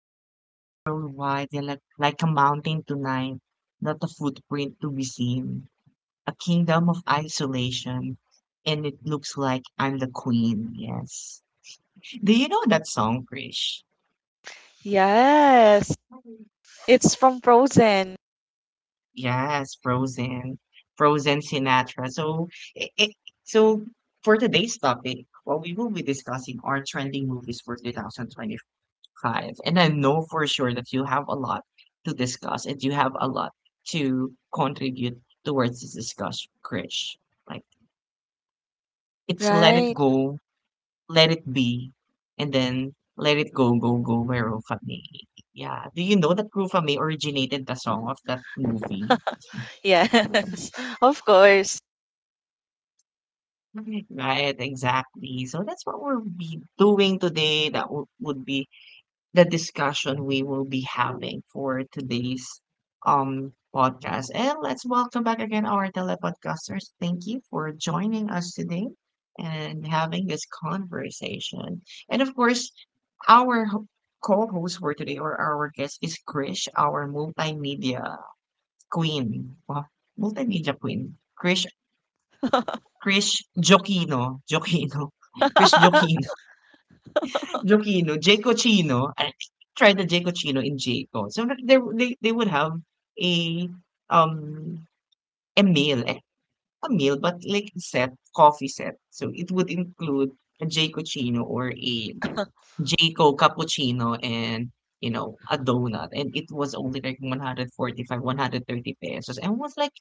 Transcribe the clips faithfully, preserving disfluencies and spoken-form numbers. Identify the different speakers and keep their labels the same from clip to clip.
Speaker 1: The snow worldwide is like, like a mountain tonight, not a footprint to be seen. A kingdom of isolation, and it looks like I'm the queen. Yes. Do you know that song, Krish?
Speaker 2: Yes, it's from Frozen,
Speaker 1: Yes, Frozen, Frozen Sinatra. So, it, it, so for today's topic, what we will be discussing are trending movies for two thousand twenty-five. Five. And I know for sure that you have a lot to discuss and you have a lot to contribute towards this discussion, Krish. Like, it's let it
Speaker 2: right?
Speaker 1: go, let it be, and then let it go, go, go by Rufa Mae. Yeah. Do you know that Rufa Mae originated the song of that movie?
Speaker 2: Yes, of course.
Speaker 1: Right, exactly. So that's what we'll be doing today. That w- would be the discussion we will be having for today's um podcast. And let's welcome back again our telepodcasters. Thank you for joining us today and having this conversation. And of course, our ho- co-host for today or our guest is Krish, our multimedia queen. Wow, multimedia queen. Krish Krish Jokino. Jokino. Krish Jokino, Jaycochino. I tried the Jaycochino in Jayco. So like, there they they would have a um a meal, a, a meal, but like set coffee set. So it would include a Jaycochino or a Jayco cappuccino and you know a donut, and it was only like one hundred forty-five, one hundred thirty pesos, and was like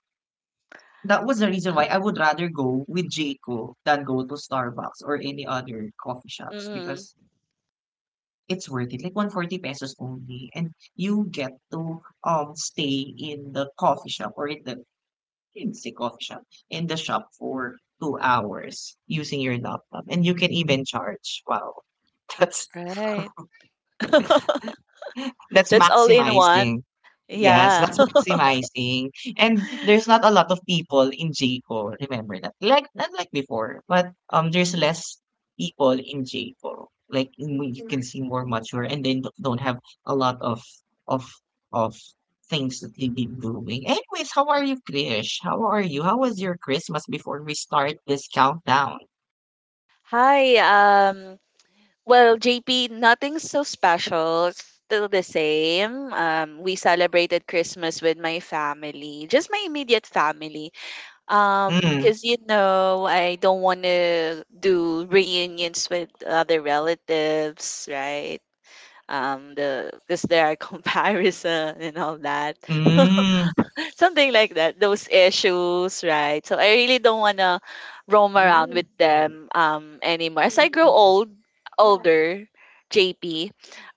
Speaker 1: that was the reason why I would rather go with Jayco than go to Starbucks or any other coffee shops
Speaker 2: Hmm.
Speaker 1: because it's worth it. Like one forty pesos only. And you get to um stay in the coffee shop or in the in the coffee shop in the shop for two hours using your laptop. And you can even charge. Wow. That's
Speaker 2: Right.
Speaker 1: That's
Speaker 2: That's all in one.
Speaker 1: maximizing. Yes,
Speaker 2: Yeah.
Speaker 1: that's maximizing. And there's not a lot of people in J C O, remember that. Like not like before, but um there's less people in J C O. Like in- you can see more mature and they d- don't have a lot of of of things that they've been doing. Anyways, how are you, Krish? How are you? How was your Christmas before we start this countdown?
Speaker 2: Hi. Um, well, J P, nothing's so special. Still the same. Um, we celebrated Christmas with my family, just my immediate family. Um,
Speaker 1: Mm,
Speaker 2: because you know, I don't want to do reunions with other relatives, right? um the Because there are comparison and all that,
Speaker 1: mm,
Speaker 2: something like that, those issues, right? So I really don't want to roam around with them um anymore, as I grow old older, JP.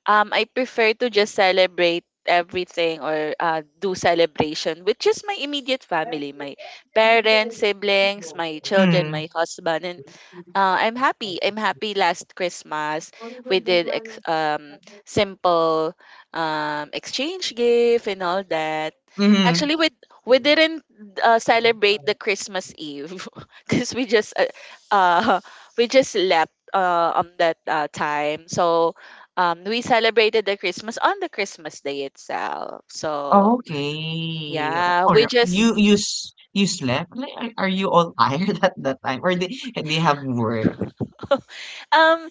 Speaker 2: Um, I prefer to just celebrate everything, or uh, do celebration, with just my immediate family, my parents, siblings, my children,
Speaker 1: mm,
Speaker 2: my husband, and uh, I'm happy. I'm happy. Last Christmas, we did ex- um simple um exchange gift and all that.
Speaker 1: mm,
Speaker 2: Actually, we we didn't uh, celebrate the Christmas Eve because we just uh, uh we just left uh on that uh, time. So um we celebrated the Christmas on the Christmas day itself. So
Speaker 1: Okay.
Speaker 2: yeah, we
Speaker 1: Or
Speaker 2: just
Speaker 1: you you s- you slept? Like, are, are you all tired at that time? Or they they have work?
Speaker 2: um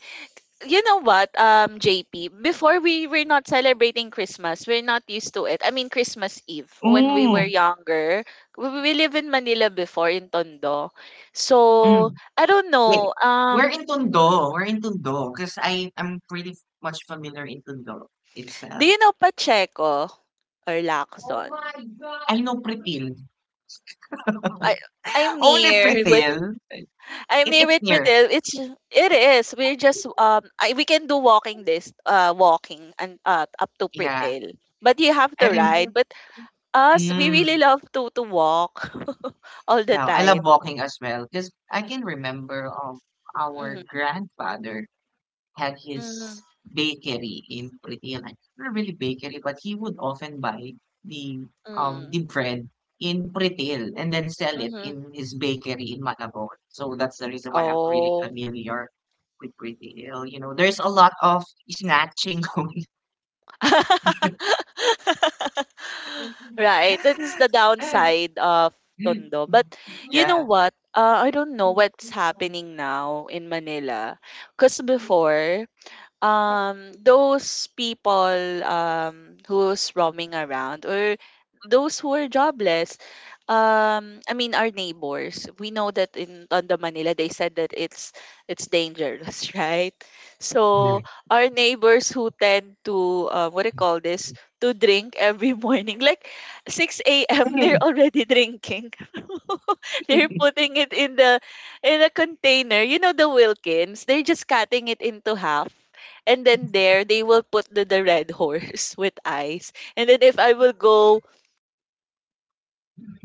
Speaker 2: you know what, um J P, before, we were not celebrating Christmas, we're not used to it, I mean Christmas Eve, when we were
Speaker 1: Mm,
Speaker 2: younger, we, we live in Manila before, in Tondo, so
Speaker 1: mm.
Speaker 2: I don't
Speaker 1: Wait.
Speaker 2: know.
Speaker 1: We're
Speaker 2: Um
Speaker 1: in Tondo. We're in Tondo. Because I am pretty f- much familiar in Tondo
Speaker 2: do
Speaker 1: itself.
Speaker 2: you know Pacheco or
Speaker 1: Oh
Speaker 2: Lacson?
Speaker 1: my God. I know Pretil.
Speaker 2: I I'm
Speaker 1: Only
Speaker 2: near.
Speaker 1: Pretil.
Speaker 2: I'm
Speaker 1: It,
Speaker 2: here
Speaker 1: it's
Speaker 2: with
Speaker 1: near.
Speaker 2: Pretil. It's ju- it is. We're just um I, we can do walking, this uh walking, and uh, up to
Speaker 1: Yeah.
Speaker 2: Pretil. But you have
Speaker 1: I
Speaker 2: to
Speaker 1: rem-
Speaker 2: ride. But us, we really
Speaker 1: mm,
Speaker 2: love to to walk all the
Speaker 1: Yeah. I love
Speaker 2: time.
Speaker 1: walking as well. Because I can remember of our
Speaker 2: Mm-hmm.
Speaker 1: grandfather had his
Speaker 2: Mm-hmm.
Speaker 1: bakery in Pritianan. Not really bakery, but he would often buy the um the bread in Pritil and then sell it
Speaker 2: Mm-hmm.
Speaker 1: in his bakery in Malabon. So that's the reason why I'm really
Speaker 2: Oh.
Speaker 1: familiar with Pritiil. You know, there's a lot of snatching going.
Speaker 2: Right. That is the downside of Tondo. But you know
Speaker 1: Yeah,
Speaker 2: what? Uh, I don't know what's happening now in Manila. Because before, um those people, um who's roaming around, or those who are jobless, um I mean our neighbors, we know that in Tondo, Manila, they said that it's it's dangerous, right, so our neighbors who tend to, uh, what do you call this, to drink every morning, like six a m they're already drinking, they're putting it in the in a container, you know, the Wilkins, they're just cutting it into half, and then there they will put the, the Red Horse with ice. And then if I will go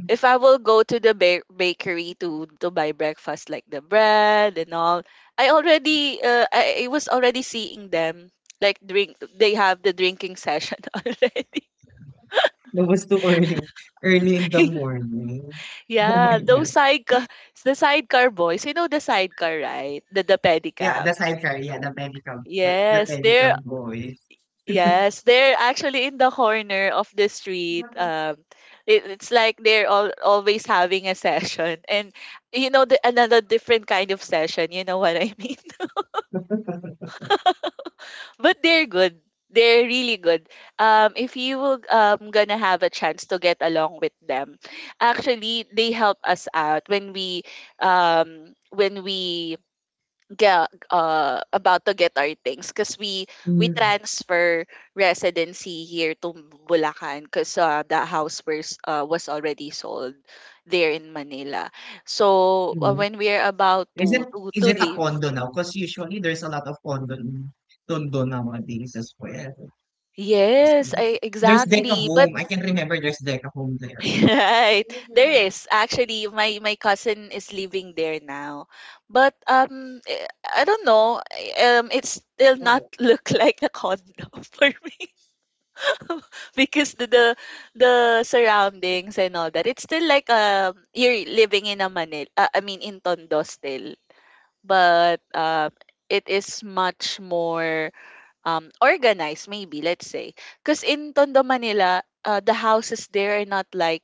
Speaker 2: if I will go to the ba- bakery to to buy breakfast, like the bread and all, I already uh, I, I was already seeing them, like, drink, they have the drinking session already.
Speaker 1: that was too early, early in the morning. Oh
Speaker 2: Yeah,
Speaker 1: my god.
Speaker 2: those sidecar the sidecar boys. You know the sidecar, right? The the
Speaker 1: Yeah,
Speaker 2: pedicab.
Speaker 1: the sidecar. Yeah, the pedicab, but the
Speaker 2: Yes, they're
Speaker 1: pedicab boys.
Speaker 2: Yes, they're actually in the corner of the street. Um, it, it's like they're all, always having a session, and, you know, the, another different kind of session. You know what I mean? But they're good. They're really good. Um, if you will, um, gonna have a chance to get along with them, actually, they help us out when we, um, when we ga- uh, about to get our things, because we we transfer residency here to Bulacan, because uh, the house was uh, was already sold there in Manila. So uh, when we are about
Speaker 1: Is it
Speaker 2: to to
Speaker 1: is
Speaker 2: to
Speaker 1: it a
Speaker 2: leave,
Speaker 1: condo now? Because usually there's a lot of condo in Tondo nowadays as well. There's
Speaker 2: yes, I
Speaker 1: there's Deca
Speaker 2: exactly. But
Speaker 1: Home. I can remember there's Deca Home there.
Speaker 2: right, there is, actually, my my cousin is living there now, but um, eh, I don't know. Eh, Um, it still not look like a condo for me. Because the, the the surroundings and all that, it's still like, um you're living in a Manila, uh, I mean in Tondo still, but um it is much more, um, organized, maybe, let's say. Because in Tondo, Manila, uh, the houses there are not like,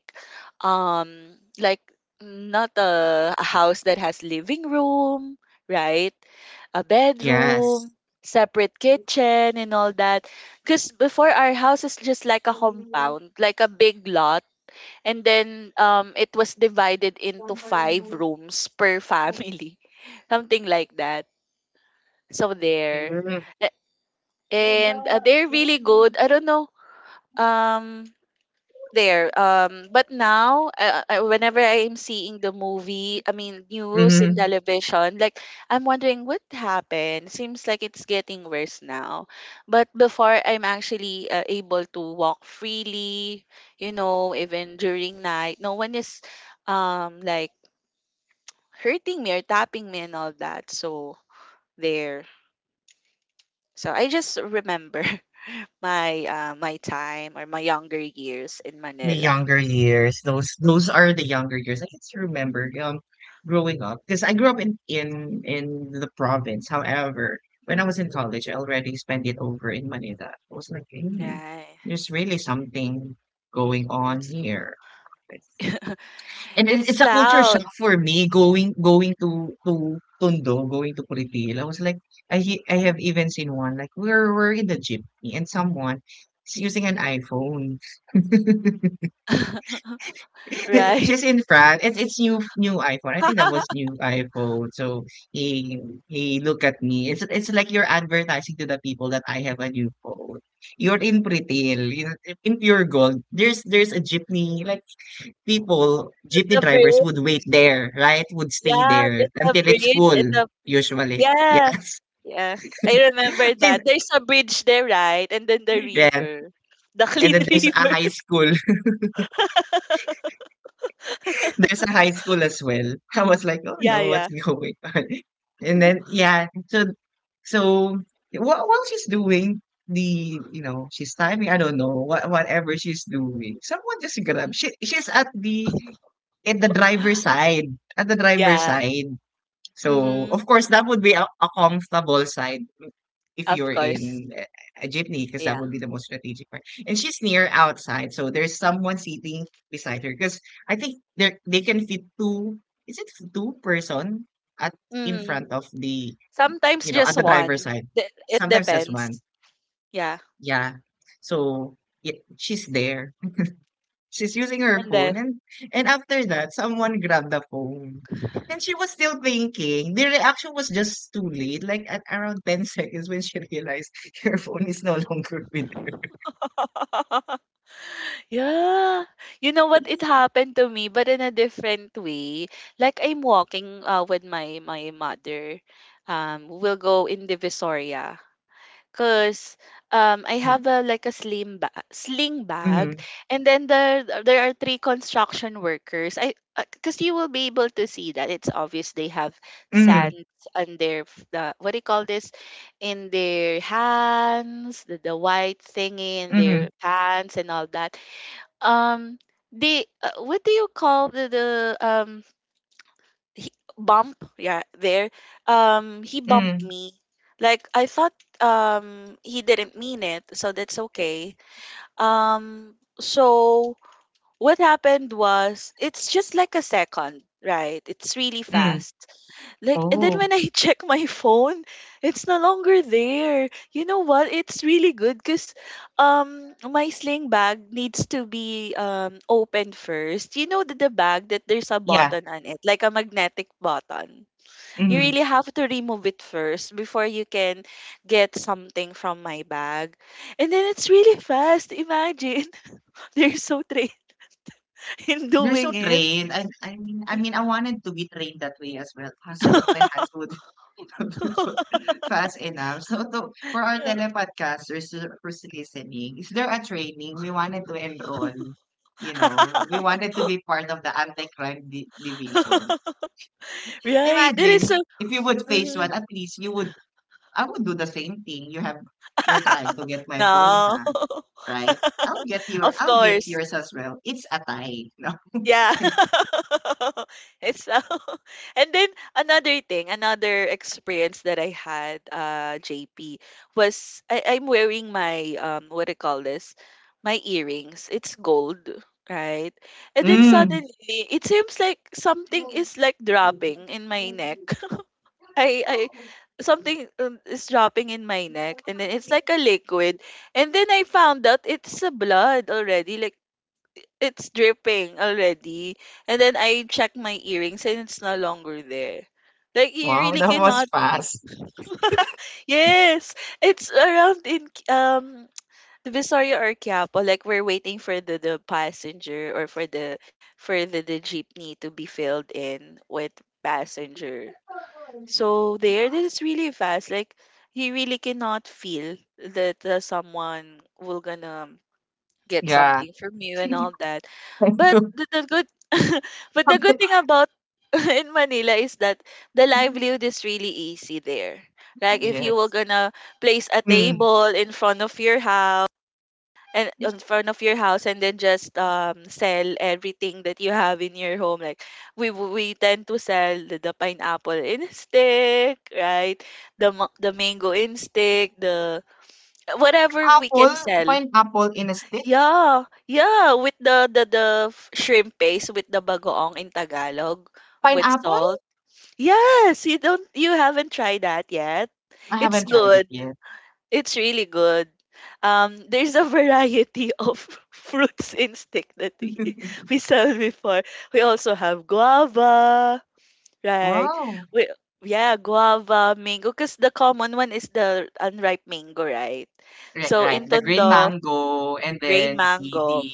Speaker 2: um, like, not a, a house that has living room, right? A
Speaker 1: Yes.
Speaker 2: bedroom, separate kitchen, and all that. Because before, our house is just like a compound, like a big lot. And then um, it was divided into five rooms per family, something like that. So there,
Speaker 1: Mhm.
Speaker 2: and uh, they're really good. I don't know, um there um but now, uh, uh, whenever I am seeing the movie, I mean news, in
Speaker 1: Mhm.
Speaker 2: television, like, I'm wondering what happened. Seems like it's getting worse now. But before, I'm actually uh, able to walk freely, you know, even during night, no one is, um like, hurting me or tapping me and all that. So there. So I just remember. My, uh, my time, or my younger years, in
Speaker 1: My
Speaker 2: Manila.
Speaker 1: younger years, those those are the younger years. I can still remember um growing up because I grew up in in in the province. However, when I was in college, I already spent it over in Manila. I was like, hey,
Speaker 2: Right.
Speaker 1: there's really something going on
Speaker 2: It's
Speaker 1: here. And it
Speaker 2: it's
Speaker 1: it's a culture
Speaker 2: loud,
Speaker 1: shock for me going going to to Tondo, going to Curipil. I was like, I he- I have even seen one like we're we're in the jeepney and someone is using an iPhone.
Speaker 2: right?
Speaker 1: She's in France. It's it's new new iPhone. I think that was new iPhone. So he he look at me. It's it's like you're advertising to the people that I have a new phone. You're in Pritil, in, in pure gold. There's there's a jeepney like people,
Speaker 2: The
Speaker 1: jeepney drivers
Speaker 2: bridge.
Speaker 1: would wait there, right? Would stay
Speaker 2: Yeah,
Speaker 1: there
Speaker 2: it's the
Speaker 1: until it's
Speaker 2: bridge and
Speaker 1: full,
Speaker 2: the
Speaker 1: usually.
Speaker 2: yeah.
Speaker 1: Yes.
Speaker 2: Yes, I remember that.
Speaker 1: Then-
Speaker 2: There's a bridge there, right? And then the
Speaker 1: yeah.
Speaker 2: river. The
Speaker 1: And
Speaker 2: clean
Speaker 1: then there's a
Speaker 2: river.
Speaker 1: high school. There's a high school as well. I was like, oh
Speaker 2: Yeah,
Speaker 1: no, what's
Speaker 2: yeah.
Speaker 1: going on? And then yeah, so so while, while she's doing the you know she's timing, I don't know what whatever she's doing. Someone just grab. She she's at the at the driver's side. At the driver's
Speaker 2: Yeah.
Speaker 1: side. So,
Speaker 2: Mm-hmm.
Speaker 1: of course, that would be a, a comfortable side if
Speaker 2: Of
Speaker 1: you're
Speaker 2: course.
Speaker 1: in a, a jeepney, because that
Speaker 2: Yeah.
Speaker 1: would be the most strategic part. And she's near outside, so there's someone sitting beside her. Because I think they they can fit two. Is it two person at in
Speaker 2: Mm-hmm.
Speaker 1: front of the
Speaker 2: Sometimes
Speaker 1: you know at
Speaker 2: just
Speaker 1: the driver's
Speaker 2: one.
Speaker 1: side?
Speaker 2: De- It
Speaker 1: Sometimes just one.
Speaker 2: depends. Yeah.
Speaker 1: Yeah. So it, she's there. She's using her
Speaker 2: And then
Speaker 1: phone and and after that someone grabbed the phone. And she was still thinking. The reaction was just too late. Like at around ten seconds when she realized her phone is no longer with her.
Speaker 2: yeah. You know what? It happened to me, but in a different way. Like, I'm walking, uh, with my my mother. Um, we'll go in Divisoria. Cause um I
Speaker 1: Mm-hmm.
Speaker 2: have a, like, a slim ba- sling bag,
Speaker 1: Mm-hmm.
Speaker 2: and then there there are three construction workers. I uh, Cause you will be able to see that it's obvious, they have sands on their f- the, what do you call this, in their hands, the, the white thingy in
Speaker 1: Mm-hmm.
Speaker 2: their pants and all that, um they, uh, what do you call, the the um he, bump, yeah, there, um he bumped
Speaker 1: Mm.
Speaker 2: me, like, I thought, um he didn't mean it, so that's okay. Um so what happened was, it's just like a second, right? It's really
Speaker 1: Mm.
Speaker 2: fast. Like, and then
Speaker 1: Oh,
Speaker 2: when I check my phone, it's no longer there. You know what? It's really good because um my sling bag needs to be um opened first. You know, the, the bag that there's a
Speaker 1: yeah.
Speaker 2: button on it, like a magnetic button. You
Speaker 1: Mm.
Speaker 2: really have to remove it first before you can get something from my bag. And then it's really fast. Imagine. They're so trained in
Speaker 1: You're so
Speaker 2: doing it.
Speaker 1: trained. I, I mean, I mean, I wanted to be trained that way as well, so that my hands would fast enough. So to for our telepodcasters who who's listening, is there a training we wanted to enroll? You know, we wanted to be part of the anti-crime di- division.
Speaker 2: Right. That is so.
Speaker 1: Imagine if you would face one,
Speaker 2: Mhm.
Speaker 1: at least you would. I would do the same thing. You have, you're trying to get my phone,
Speaker 2: No.
Speaker 1: huh? Right? I'll get your,
Speaker 2: Of
Speaker 1: I'll get
Speaker 2: course.
Speaker 1: yours as well. It's a tie. No?
Speaker 2: Yeah. It's so. And then another thing, another experience that I had, uh, J P, was, I, I'm wearing my, um what do you call this? My earrings. It's gold, right? And then
Speaker 1: Mm,
Speaker 2: suddenly it seems like something is like dropping in my neck. I I Something, um, is dropping in my neck, and then it's like a liquid, and then I found out it's a blood already, like, it's dripping already, and then I check my earrings and it's no longer there. Like you
Speaker 1: wow,
Speaker 2: really
Speaker 1: that was
Speaker 2: cannot.
Speaker 1: fast.
Speaker 2: Yes, it's around in, um the Visoria or Quiapo. Like, we're waiting for the, the passenger, or for the for the, the jeepney to be filled in with passenger. So there, that is really fast. Like, you really cannot feel that uh, someone will gonna get
Speaker 1: Yeah.
Speaker 2: something from you and all that. But the, the good, but the good thing about in Manila is that the livelihood is really easy there. Like, if you were
Speaker 1: Yes.
Speaker 2: gonna place a
Speaker 1: Mm.
Speaker 2: table in front of your house, and in front of your house and then just um sell everything that you have in your home, like, we w- we tend to sell the, the pineapple in stick, right, the ma- the mango in stick, the whatever we
Speaker 1: Apple,
Speaker 2: can sell,
Speaker 1: find apple in a stick.
Speaker 2: yeah, yeah, with the the the f- shrimp paste, with the bagoong in Tagalog, with
Speaker 1: Pineapple?
Speaker 2: salt, yes, you don't you haven't tried that yet,
Speaker 1: I
Speaker 2: it's
Speaker 1: haven't tried it
Speaker 2: good,
Speaker 1: yet.
Speaker 2: it's really good. Um, there's a variety of fruits in stick that we, we sell before. We also have guava, right?
Speaker 1: Wow.
Speaker 2: We Yeah, guava, mango, because the common one is the unripe mango, right?
Speaker 1: Right,
Speaker 2: So
Speaker 1: right.
Speaker 2: in
Speaker 1: The green
Speaker 2: Tondo,
Speaker 1: mango and
Speaker 2: grain
Speaker 1: then the the
Speaker 2: mango,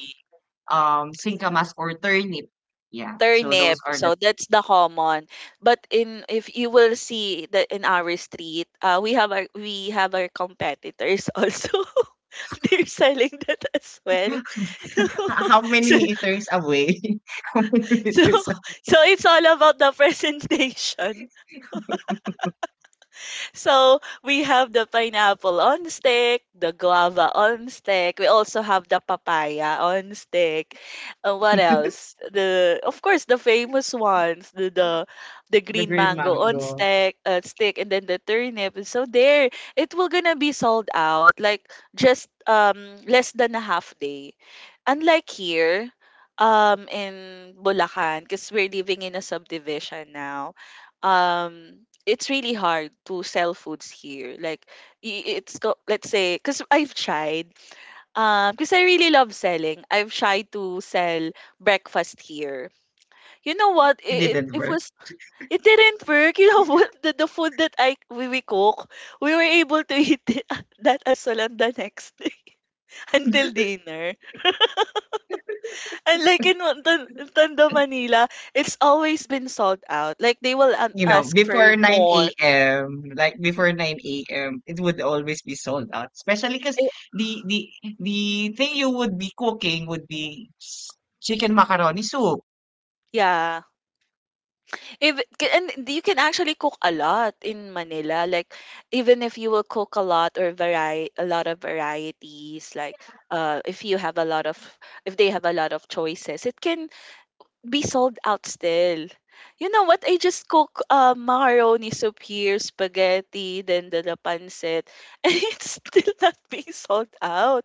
Speaker 1: um singkamas or turnip. Yeah. So those
Speaker 2: turnip.
Speaker 1: are the
Speaker 2: So that's the common. But in if you will see that in our street, uh, we have our we have our competitors also. They're selling that as well.
Speaker 1: h- how many
Speaker 2: so
Speaker 1: meters away? How many
Speaker 2: so
Speaker 1: meters away?
Speaker 2: so it's all about the presentation. So we have the pineapple on stick, the guava on stick. We also have the papaya on stick. Uh, what else? The Of course the famous ones, the the, the green mango on stick, uh, stick, and then the turnip. And So there, it will gonna be sold out, like, just um less than a half day. Unlike here, um in Bulacan, because we're living in a subdivision now, um it's really hard to sell foods here, like I- it's go let's say, because I've tried um because I really love selling, I've tried to sell breakfast here, you know what,
Speaker 1: It
Speaker 2: it, it,
Speaker 1: didn't
Speaker 2: it
Speaker 1: work.
Speaker 2: was it didn't work. You know what, the, the food that i we, we cook, we were able to eat it, that as well, on the next day, until dinner, and, like, in Tan- Tondo, Manila, it's always been sold out, like they will, um,
Speaker 1: You know,
Speaker 2: ask for
Speaker 1: before 9
Speaker 2: more.
Speaker 1: a.m., like before nine a m, it would always be sold out. Especially because
Speaker 2: Eh,
Speaker 1: the the the thing you would be cooking would be s- chicken macaroni soup.
Speaker 2: yeah. If And you can actually cook a lot in Manila. Like even if you will cook a lot or vary a lot of varieties, like uh if you have a lot of— if they have a lot of choices, it can be sold out still. You know what? I just cook uh, macaroni soup here, spaghetti, then the, the pancit, and it's still not being sold out.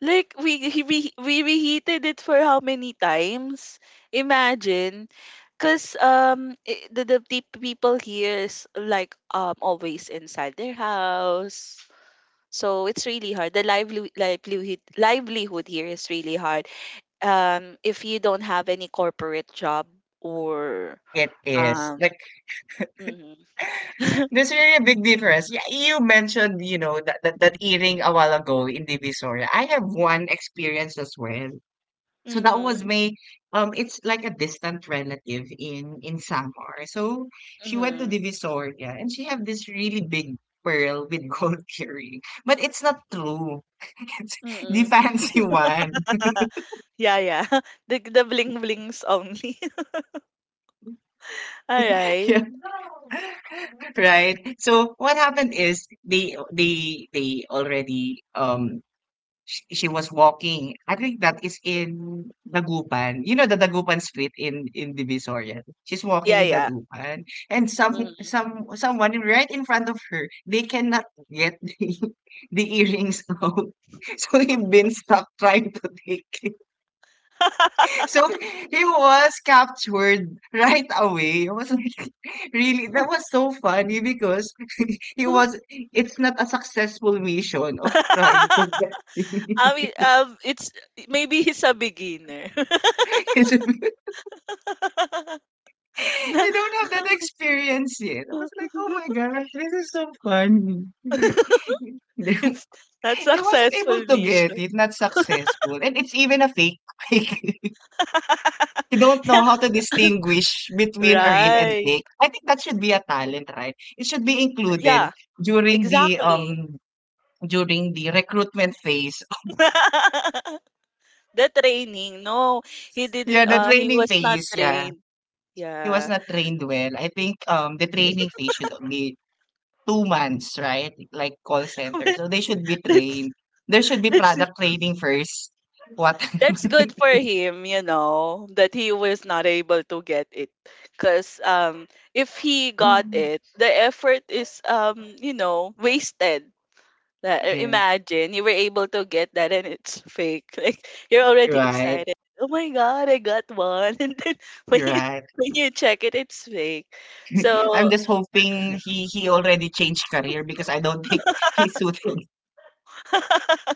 Speaker 2: Like we he- we we reheated it for how many times? Imagine. Cause um i- the the pe- people here is like um always inside their house, so it's really hard. The livelihood livelihood livelihood here is really hard, um, if you don't have any corporate job or
Speaker 1: It is
Speaker 2: um
Speaker 1: like
Speaker 2: mhm.
Speaker 1: there's really a big difference. Yeah, you mentioned, you know, that, that, that earring a while ago in Divisoria. I have one experience as well. So that was
Speaker 2: Mhm.
Speaker 1: my um it's like a distant relative in in Samar. So she went to
Speaker 2: Mhm.
Speaker 1: Divisoria and she had this really big pearl with gold earring. But it's not true. It's the
Speaker 2: Mm.
Speaker 1: fancy one.
Speaker 2: Yeah, yeah. The the bling blings only. All right.
Speaker 1: Yeah. Right. So what happened is they they they already um Sh she was walking. I think that is in Dagupan. You know the Dagupan street in in Divisoria. She's
Speaker 2: Yeah,
Speaker 1: walking in
Speaker 2: yeah.
Speaker 1: Dagupan, and some
Speaker 2: Mhm.
Speaker 1: some someone right in front of her. They cannot get the, the earrings out. So he been stuck trying to take it. So he was captured right away. I was like, really, that was so funny because he was. It's not a successful mission of trying to get.
Speaker 2: I mean, um, it's maybe he's a beginner.
Speaker 1: It's
Speaker 2: Na-
Speaker 1: you don't have that experience yet. I was like, oh my gosh, this is so funny. They,
Speaker 2: it's not
Speaker 1: they wasn't able
Speaker 2: successful
Speaker 1: to get
Speaker 2: mission.
Speaker 1: it, not successful. And it's even a fake. Like, you don't know
Speaker 2: Yeah,
Speaker 1: how to distinguish between a real and
Speaker 2: right.
Speaker 1: fake. I think that should be a talent, right? It should be included
Speaker 2: Yeah.
Speaker 1: during the
Speaker 2: Exactly.
Speaker 1: um during the recruitment phase.
Speaker 2: The training. No, he didn't
Speaker 1: Yeah, the
Speaker 2: uh he
Speaker 1: training
Speaker 2: was not
Speaker 1: phase, yeah.
Speaker 2: trained.
Speaker 1: He was
Speaker 2: Yeah.
Speaker 1: not trained well. I think um the training phase should be two months, right? Like call center. So they should be
Speaker 2: That's
Speaker 1: trained. There should be
Speaker 2: that's
Speaker 1: product training first. What?
Speaker 2: that's good for him, you know, that he was not able to get it. Cause um if he got it, the effort is, um, you know, wasted. That, uh,
Speaker 1: Yes,
Speaker 2: imagine you were able to get that and it's fake. Like you're already
Speaker 1: right,
Speaker 2: excited. Oh my god, I got one. And then when you
Speaker 1: right.
Speaker 2: when you check it, it's fake. So
Speaker 1: I'm just hoping he he already changed career because I don't think he suited.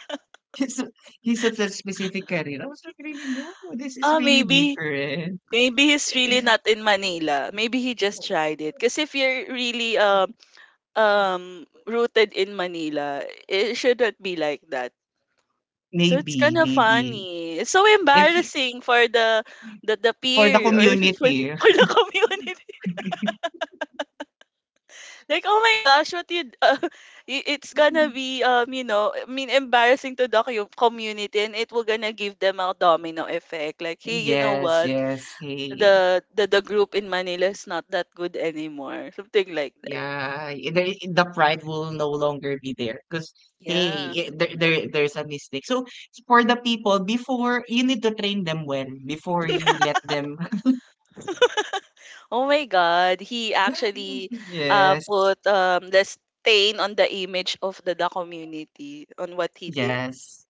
Speaker 1: He, su- he suits a specific career. I was like, really, no, this is
Speaker 2: ah
Speaker 1: really
Speaker 2: maybe—
Speaker 1: different.
Speaker 2: maybe he's really not in Manila. Maybe he just tried it. Because if you're really um um rooted in Manila, it should not be like that. So it's
Speaker 1: Maybe,
Speaker 2: kind of
Speaker 1: maybe.
Speaker 2: funny. It's so
Speaker 1: If he-
Speaker 2: embarrassing for the the, the
Speaker 1: for the
Speaker 2: peer, or for the,
Speaker 1: community.
Speaker 2: for the community. Like, oh my gosh, what you, d- uh, it's gonna be, um, you know, I mean, embarrassing to the cu- community, and it will gonna give them a domino effect. Like, hey, you know
Speaker 1: Yes,
Speaker 2: what?
Speaker 1: yes. He.
Speaker 2: The the the group in Manila is not that good anymore. Something like that.
Speaker 1: Yeah, i- there, i- the pride will no longer be there because
Speaker 2: Yeah.
Speaker 1: hey, i- there, there there's a mistake. So for the people before you need to train them well before you let them.
Speaker 2: Oh my God, he actually, uh,
Speaker 1: Yes,
Speaker 2: put um the stain on the image of the, the community on what he did.
Speaker 1: yes.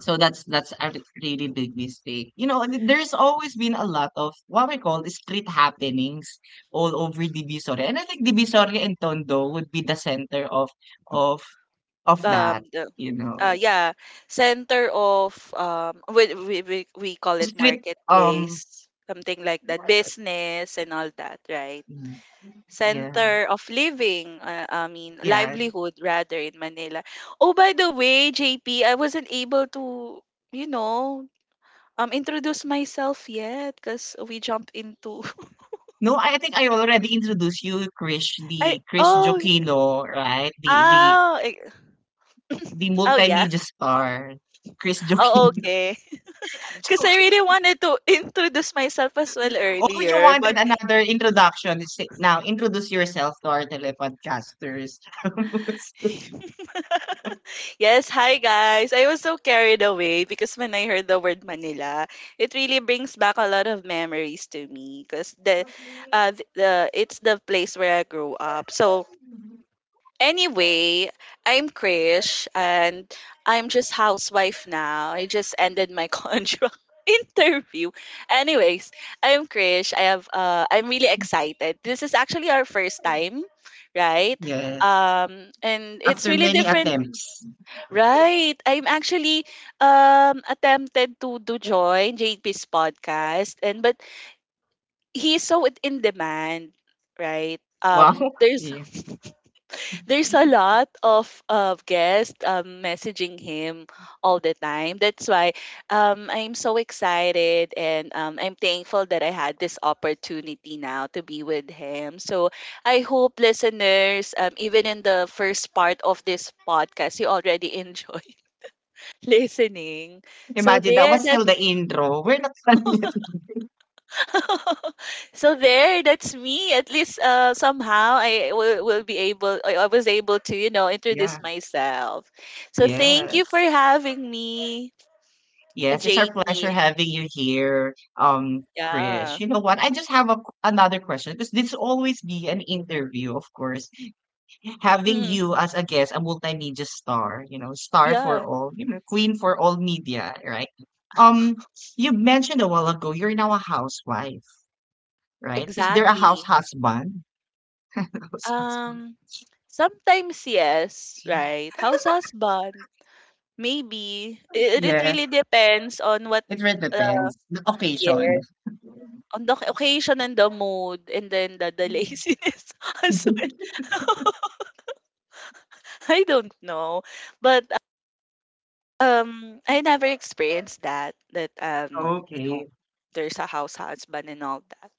Speaker 1: So that's that's a re- really big mistake. You know, and there's always been a lot of what we call street happenings all over Divisoria, and I think Divisoria and Tondo would be the center of of of
Speaker 2: Um
Speaker 1: that.
Speaker 2: the
Speaker 1: You
Speaker 2: uh
Speaker 1: know,
Speaker 2: Yeah, center of, um we we we, we call it
Speaker 1: street um.
Speaker 2: marketplace, something like that, business and all that, right?
Speaker 1: Mm, yeah,
Speaker 2: Center of living, uh, I mean
Speaker 1: yeah.
Speaker 2: livelihood rather, in Manila. Oh, by the way, J P, I wasn't able to, you know, um introduce myself yet because we jumped into
Speaker 1: No, I think I already introduced you, Krish,
Speaker 2: I
Speaker 1: the Krish
Speaker 2: oh
Speaker 1: Jokino, right? The the
Speaker 2: oh eh,
Speaker 1: the
Speaker 2: oh yeah,
Speaker 1: multimedia star, Krish
Speaker 2: oh
Speaker 1: Jokino.
Speaker 2: okay. Because I
Speaker 1: Joking.
Speaker 2: really wanted to introduce myself as well
Speaker 1: Oh, you
Speaker 2: earlier.
Speaker 1: wanted
Speaker 2: But
Speaker 1: another introduction. Say- Now introduce yourself to our telepodcasters.
Speaker 2: yes, hi guys. I was so carried away because when I heard the word Manila, it really brings back a lot of memories to me. Because the, uh, th- the— it's the place where I grew up. So anyway, I'm Krish, and I'm just housewife now. I just ended my contract interview. Anyways, I'm Krish. I have uh I'm really excited. This is actually our first time, right?
Speaker 1: Yes.
Speaker 2: Um, and it's
Speaker 1: After
Speaker 2: really
Speaker 1: many
Speaker 2: different,
Speaker 1: attempts.
Speaker 2: right? I'm actually um attempted to to join J P's podcast, and but he's so in in demand, right? Um
Speaker 1: Wow.
Speaker 2: there's
Speaker 1: Yeah.
Speaker 2: there's a lot of of guests, um, messaging him all the time. That's why, um, I'm so excited, and, um, I'm thankful that I had this opportunity now to be with him. So I hope listeners, um, even in the first part of this podcast, you already enjoy listening. So
Speaker 1: Imagine that
Speaker 2: there,
Speaker 1: was still
Speaker 2: that's
Speaker 1: the intro. We're not done yet.
Speaker 2: so there, that's me. At least, uh somehow i will, will be able— I, I was able to, you know, introduce
Speaker 1: Yeah.
Speaker 2: myself. So thank you for
Speaker 1: Yes.
Speaker 2: having me. uh,
Speaker 1: Yes, it's our pleasure
Speaker 2: JP,
Speaker 1: having you here, um, Krish.
Speaker 2: yeah.
Speaker 1: You know what? I just have a, another question because this will always be an interview, of course. Having
Speaker 2: Mm,
Speaker 1: you as a guest, a multimedia star, you know, star
Speaker 2: yeah,
Speaker 1: for all, you know, queen for all media, right? Um, you mentioned a while ago you're now a housewife, right? Is there a house
Speaker 2: exactly.
Speaker 1: husband? House husband.
Speaker 2: um Sometimes, yes, right? House husband. Maybe it, it really
Speaker 1: Yes,
Speaker 2: depends on what—
Speaker 1: it really
Speaker 2: uh,
Speaker 1: depends. The
Speaker 2: yeah,
Speaker 1: occasion.
Speaker 2: on the occasion, and the mood, and then the, the laziness as well. I don't know, but, um, I never experienced that. That, um, you know,
Speaker 1: Okay.
Speaker 2: there's a house husband and all that.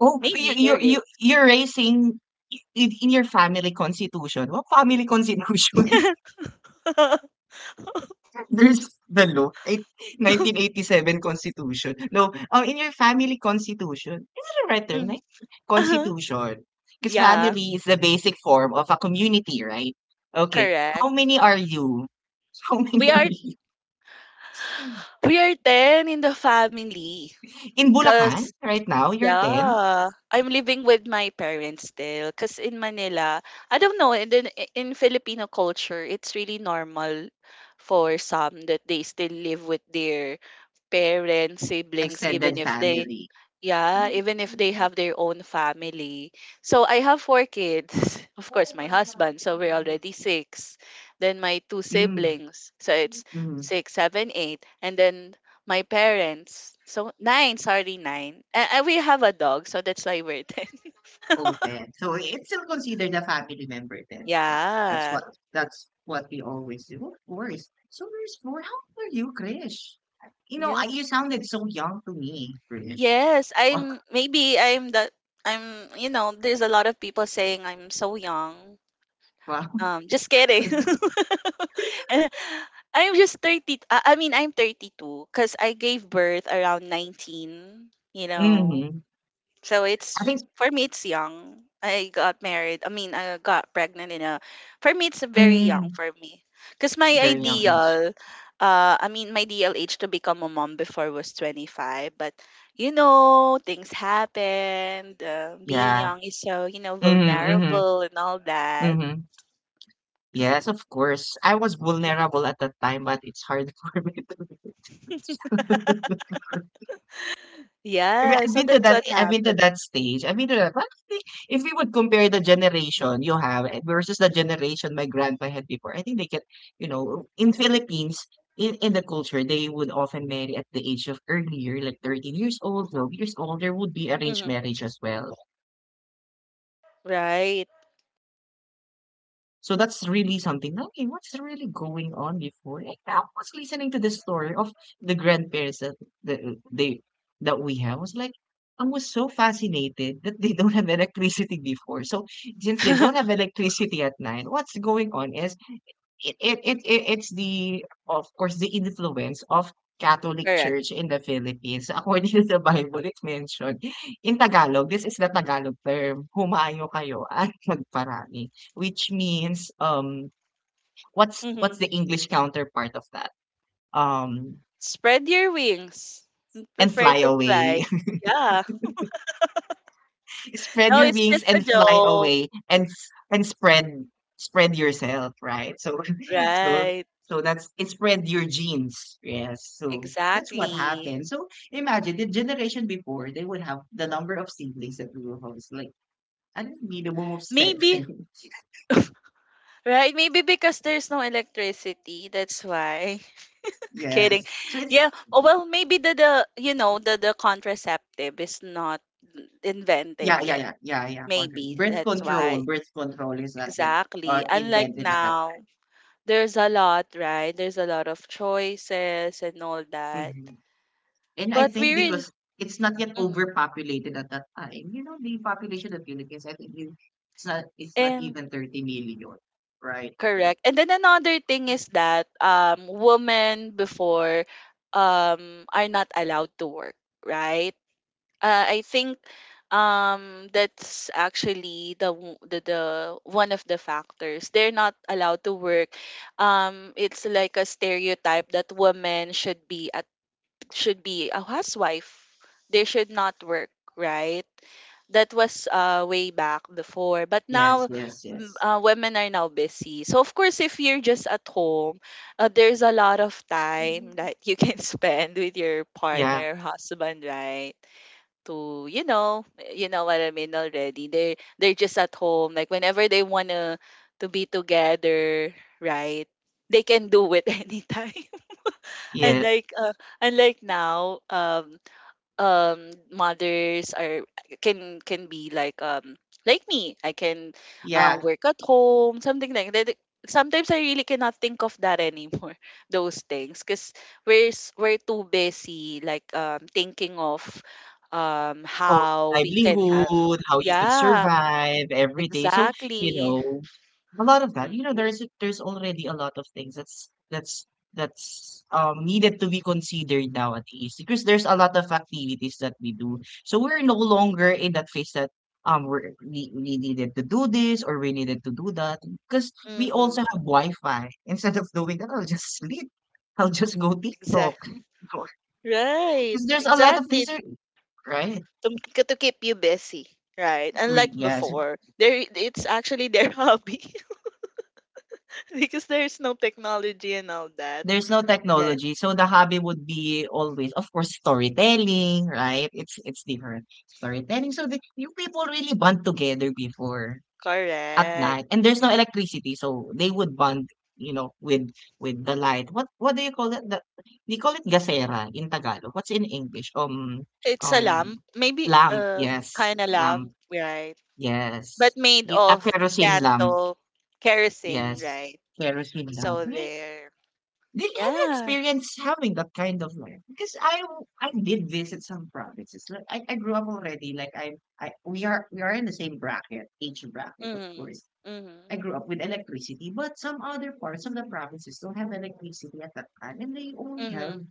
Speaker 1: Oh, you
Speaker 2: Maybe there
Speaker 1: you
Speaker 2: is.
Speaker 1: you you're raising I in in your family constitution. What family constitution? There's the law, eight nineteen eighty-seven constitution. No, um, in your family constitution, is it the right term,
Speaker 2: Mm.
Speaker 1: like, constitution? Because
Speaker 2: Yeah,
Speaker 1: family is the basic form of a community, right? Okay,
Speaker 2: correct.
Speaker 1: how many are you? How many
Speaker 2: We
Speaker 1: are
Speaker 2: are—
Speaker 1: you?
Speaker 2: we are ten in the family.
Speaker 1: In Bulacan,
Speaker 2: Cause
Speaker 1: right now, you're ten
Speaker 2: yeah, I'm living with my parents still. Cause in Manila, I don't know. In the, in Filipino culture, it's really normal for some that they still live with their parents, siblings, even
Speaker 1: extended
Speaker 2: if they—
Speaker 1: family.
Speaker 2: yeah, even if they have their own family. So I have four kids. Of course, my husband, so we're already six. Then my two
Speaker 1: Mm,
Speaker 2: siblings, so it's
Speaker 1: mm.
Speaker 2: six, seven, eight, and then my parents, so nine, sorry, nine. And, and we have a dog, so that's why we're ten.
Speaker 1: Oh, ten. So it's still considered a family member then. So that's
Speaker 2: Yeah.
Speaker 1: what that's what we always do. Of course. So there's more. How old are you, Krish? You know,
Speaker 2: Yeah.
Speaker 1: I, you sounded so young to me, Krish.
Speaker 2: Yes,
Speaker 1: Wow,
Speaker 2: I'm— maybe I'm the— I'm— you know, there's a lot of people saying I'm so young.
Speaker 1: wow.
Speaker 2: Um, just kidding. Eh, I'm just thirty. I I mean, I'm thirty-two because I gave birth around nineteen, you know.
Speaker 1: Mm-hmm.
Speaker 2: So
Speaker 1: I
Speaker 2: it's,
Speaker 1: think,
Speaker 2: for me, it's young. I got married. I mean, I got pregnant in a— for me, it's very young
Speaker 1: mm,
Speaker 2: for me. Because my
Speaker 1: very young age.
Speaker 2: ideal, uh, I mean, my ideal age to become a mom before was twenty-five. But, you know, things happened. Uh, being
Speaker 1: Yeah.
Speaker 2: young is so, you know,
Speaker 1: Mm-hmm,
Speaker 2: vulnerable
Speaker 1: mm-hmm,
Speaker 2: and all that.
Speaker 1: mm-hmm. Yes, of course. I was vulnerable at that time, but it's hard for me to. I mean,
Speaker 2: Yeah,
Speaker 1: I've
Speaker 2: so
Speaker 1: been to
Speaker 2: that's
Speaker 1: that.
Speaker 2: what
Speaker 1: I've been to
Speaker 2: happened.
Speaker 1: that stage. I've been to that. But I think if we would compare the generation you have versus the generation my grandpa had before, I think they can, you know, in Philippines, in, in the culture, they would often marry at the age of earlier, like thirteen years old, twelve years old. There would be arranged
Speaker 2: Hmm.
Speaker 1: marriage as well.
Speaker 2: Right.
Speaker 1: So that's really something. Okay, what's really going on before? And I was listening to the story of the grandparents that the, they that we have. I was like, I was so fascinated that they don't have electricity before. So since they don't have electricity at night, what's going on is it it it it it's the, of course, the influence of Catholic
Speaker 2: Correct.
Speaker 1: Church in the Philippines. According to the Bible, it mentioned in Tagalog, this is the Tagalog term, humayo kayo at magparami, which means, um, what's what's
Speaker 2: Hmm.
Speaker 1: the English counterpart of that? Um,
Speaker 2: Spread your wings.
Speaker 1: and
Speaker 2: Prefer
Speaker 1: fly
Speaker 2: to fly.
Speaker 1: away.
Speaker 2: Yeah.
Speaker 1: Spread
Speaker 2: No,
Speaker 1: your
Speaker 2: it's
Speaker 1: wings
Speaker 2: just a
Speaker 1: and fly
Speaker 2: joke.
Speaker 1: away and s- and spread, spread yourself, right? So so
Speaker 2: Right.
Speaker 1: so that's it, spread your genes, yes, so that's what
Speaker 2: Exactly.
Speaker 1: happened. So imagine the generation before, they would have the number of siblings that we will host, like I don't need a minimum of seven.
Speaker 2: Maybe, right? Maybe because there's no electricity. That's why. Kidding.
Speaker 1: Yes, so it's
Speaker 2: Yeah. Oh, well, maybe the, the, you know, the, the contraceptive is not invented
Speaker 1: yeah, yeah,
Speaker 2: yet.
Speaker 1: yeah, yeah, yeah control.
Speaker 2: Maybe.
Speaker 1: Birth
Speaker 2: That's
Speaker 1: control,
Speaker 2: why.
Speaker 1: birth control is not yet uh,
Speaker 2: Exactly. Unlike
Speaker 1: invented at that
Speaker 2: now. There's a lot, right? There's a lot of choices and all
Speaker 1: time.
Speaker 2: that.
Speaker 1: Mhm. And I
Speaker 2: But
Speaker 1: think
Speaker 2: we really—
Speaker 1: because it's not yet
Speaker 2: mhm.
Speaker 1: overpopulated at that time, you know, the population of Philippines, I think you, it's not it's not
Speaker 2: And
Speaker 1: even thirty million, right?
Speaker 2: correct. And then another thing is that um women before, um are not allowed to work, right? Uh, I think um that's actually the, w- the the one of the factors— they're not allowed to work, um it's like a stereotype that women should be should be a housewife. They should not work, right? That was, uh, way back before. But
Speaker 1: Yes,
Speaker 2: now,
Speaker 1: yes,
Speaker 2: mm,
Speaker 1: yes.
Speaker 2: uh, women are now busy. So, of course, if you're just at home, uh, there's a lot of time that you can spend with your
Speaker 1: Yeah,
Speaker 2: partner, husband, right? To, you know, you know what I mean already. They, they're just at home. Like, whenever they want to to be together, right? They can do it anytime.
Speaker 1: yeah.
Speaker 2: Unlike uh, Unlike now, um, um, mothers are— can can be like, um like me. I can,
Speaker 1: Yeah,
Speaker 2: um, work at home, something like that. Sometimes I really cannot think of that anymore. Those things, cause we're s- we're too busy like um thinking of, um
Speaker 1: of
Speaker 2: how we can have—
Speaker 1: livelihood, how you could
Speaker 2: yeah,
Speaker 1: survive every day. So, you
Speaker 2: exactly.
Speaker 1: know, a lot of that, you know, there's there's already a lot of things that's that's that's um needed to be considered nowadays because there's a lot of activities that we do. So we're no longer in that phase that um we're, we we needed to do this or we needed to do that because we
Speaker 2: Mm-hmm.
Speaker 1: also have Wi-Fi. Instead of doing that, I'll just sleep. I'll just go TikTok.
Speaker 2: Exactly. Right.
Speaker 1: Because there's a lot of things
Speaker 2: Exactly.
Speaker 1: that, right?
Speaker 2: To, k- to keep you busy, right?
Speaker 1: Re-
Speaker 2: Unlike
Speaker 1: yes,
Speaker 2: before, there it's actually their hobby because there's no technology and all that.
Speaker 1: there's no
Speaker 2: Yeah,
Speaker 1: technology, so the hobby would be always, of course, storytelling, right? It's it's different. Storytelling. So the, you people really bond together before at
Speaker 2: correct.
Speaker 1: night, and there's no electricity, so they would bond, you know, with with the light. What what do you call it? The, they call it gasera in Tagalog. What's in English? Um,
Speaker 2: It's a
Speaker 1: um,
Speaker 2: lamp, maybe
Speaker 1: lamp.
Speaker 2: um
Speaker 1: Yes,
Speaker 2: kind of
Speaker 1: lamp.
Speaker 2: lamp, right? But
Speaker 1: Yes,
Speaker 2: made
Speaker 1: Y- a
Speaker 2: of
Speaker 1: kerosene lamp.
Speaker 2: candle, kerosene,
Speaker 1: Yes,
Speaker 2: right?
Speaker 1: kerosene lamp.
Speaker 2: So
Speaker 1: Really?
Speaker 2: there,
Speaker 1: Did have you
Speaker 2: yeah.
Speaker 1: experienced having that kind of life? Because I I did visit some provinces. Like I, I grew up already. Like I I we are we are in the same bracket, age bracket, of
Speaker 2: Mm,
Speaker 1: course.
Speaker 2: mm,
Speaker 1: I grew up with electricity, but some other parts of the provinces don't have electricity at that time, and they only
Speaker 2: mm,
Speaker 1: have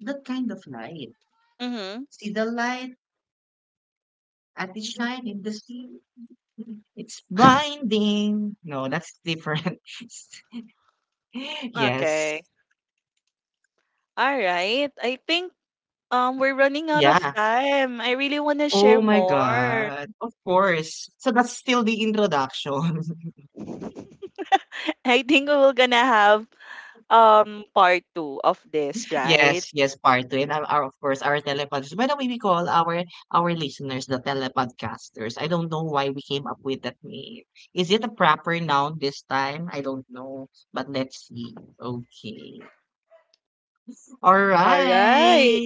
Speaker 1: that kind of light.
Speaker 2: mm.
Speaker 1: See the light at its shine in the sea. It's binding. No, that's different. Yes.
Speaker 2: Okay, all right. I think um we're running out of
Speaker 1: Yeah.
Speaker 2: time. I really want to share
Speaker 1: Oh my
Speaker 2: more.
Speaker 1: God, of course. So that's still the introduction.
Speaker 2: I think we're gonna have, um part two of this, right?
Speaker 1: Yes, yes, part two. And our, our- of course, our telepodcasters. By the way, we call our our listeners the telepodcasters. I don't know why we came up with that name. Is it a proper noun this time? I don't know. But let's see. Okay. All
Speaker 2: All right.
Speaker 1: right.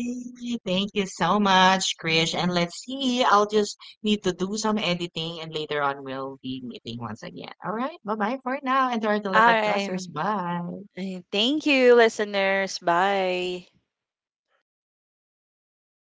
Speaker 1: Thank you so much, Krish. And let's see. I'll just need to do some editing and later on we'll be meeting once again. All right. Bye bye for now. And to our
Speaker 2: All right.
Speaker 1: telepodcasters, bye.
Speaker 2: Thank you, listeners. Bye.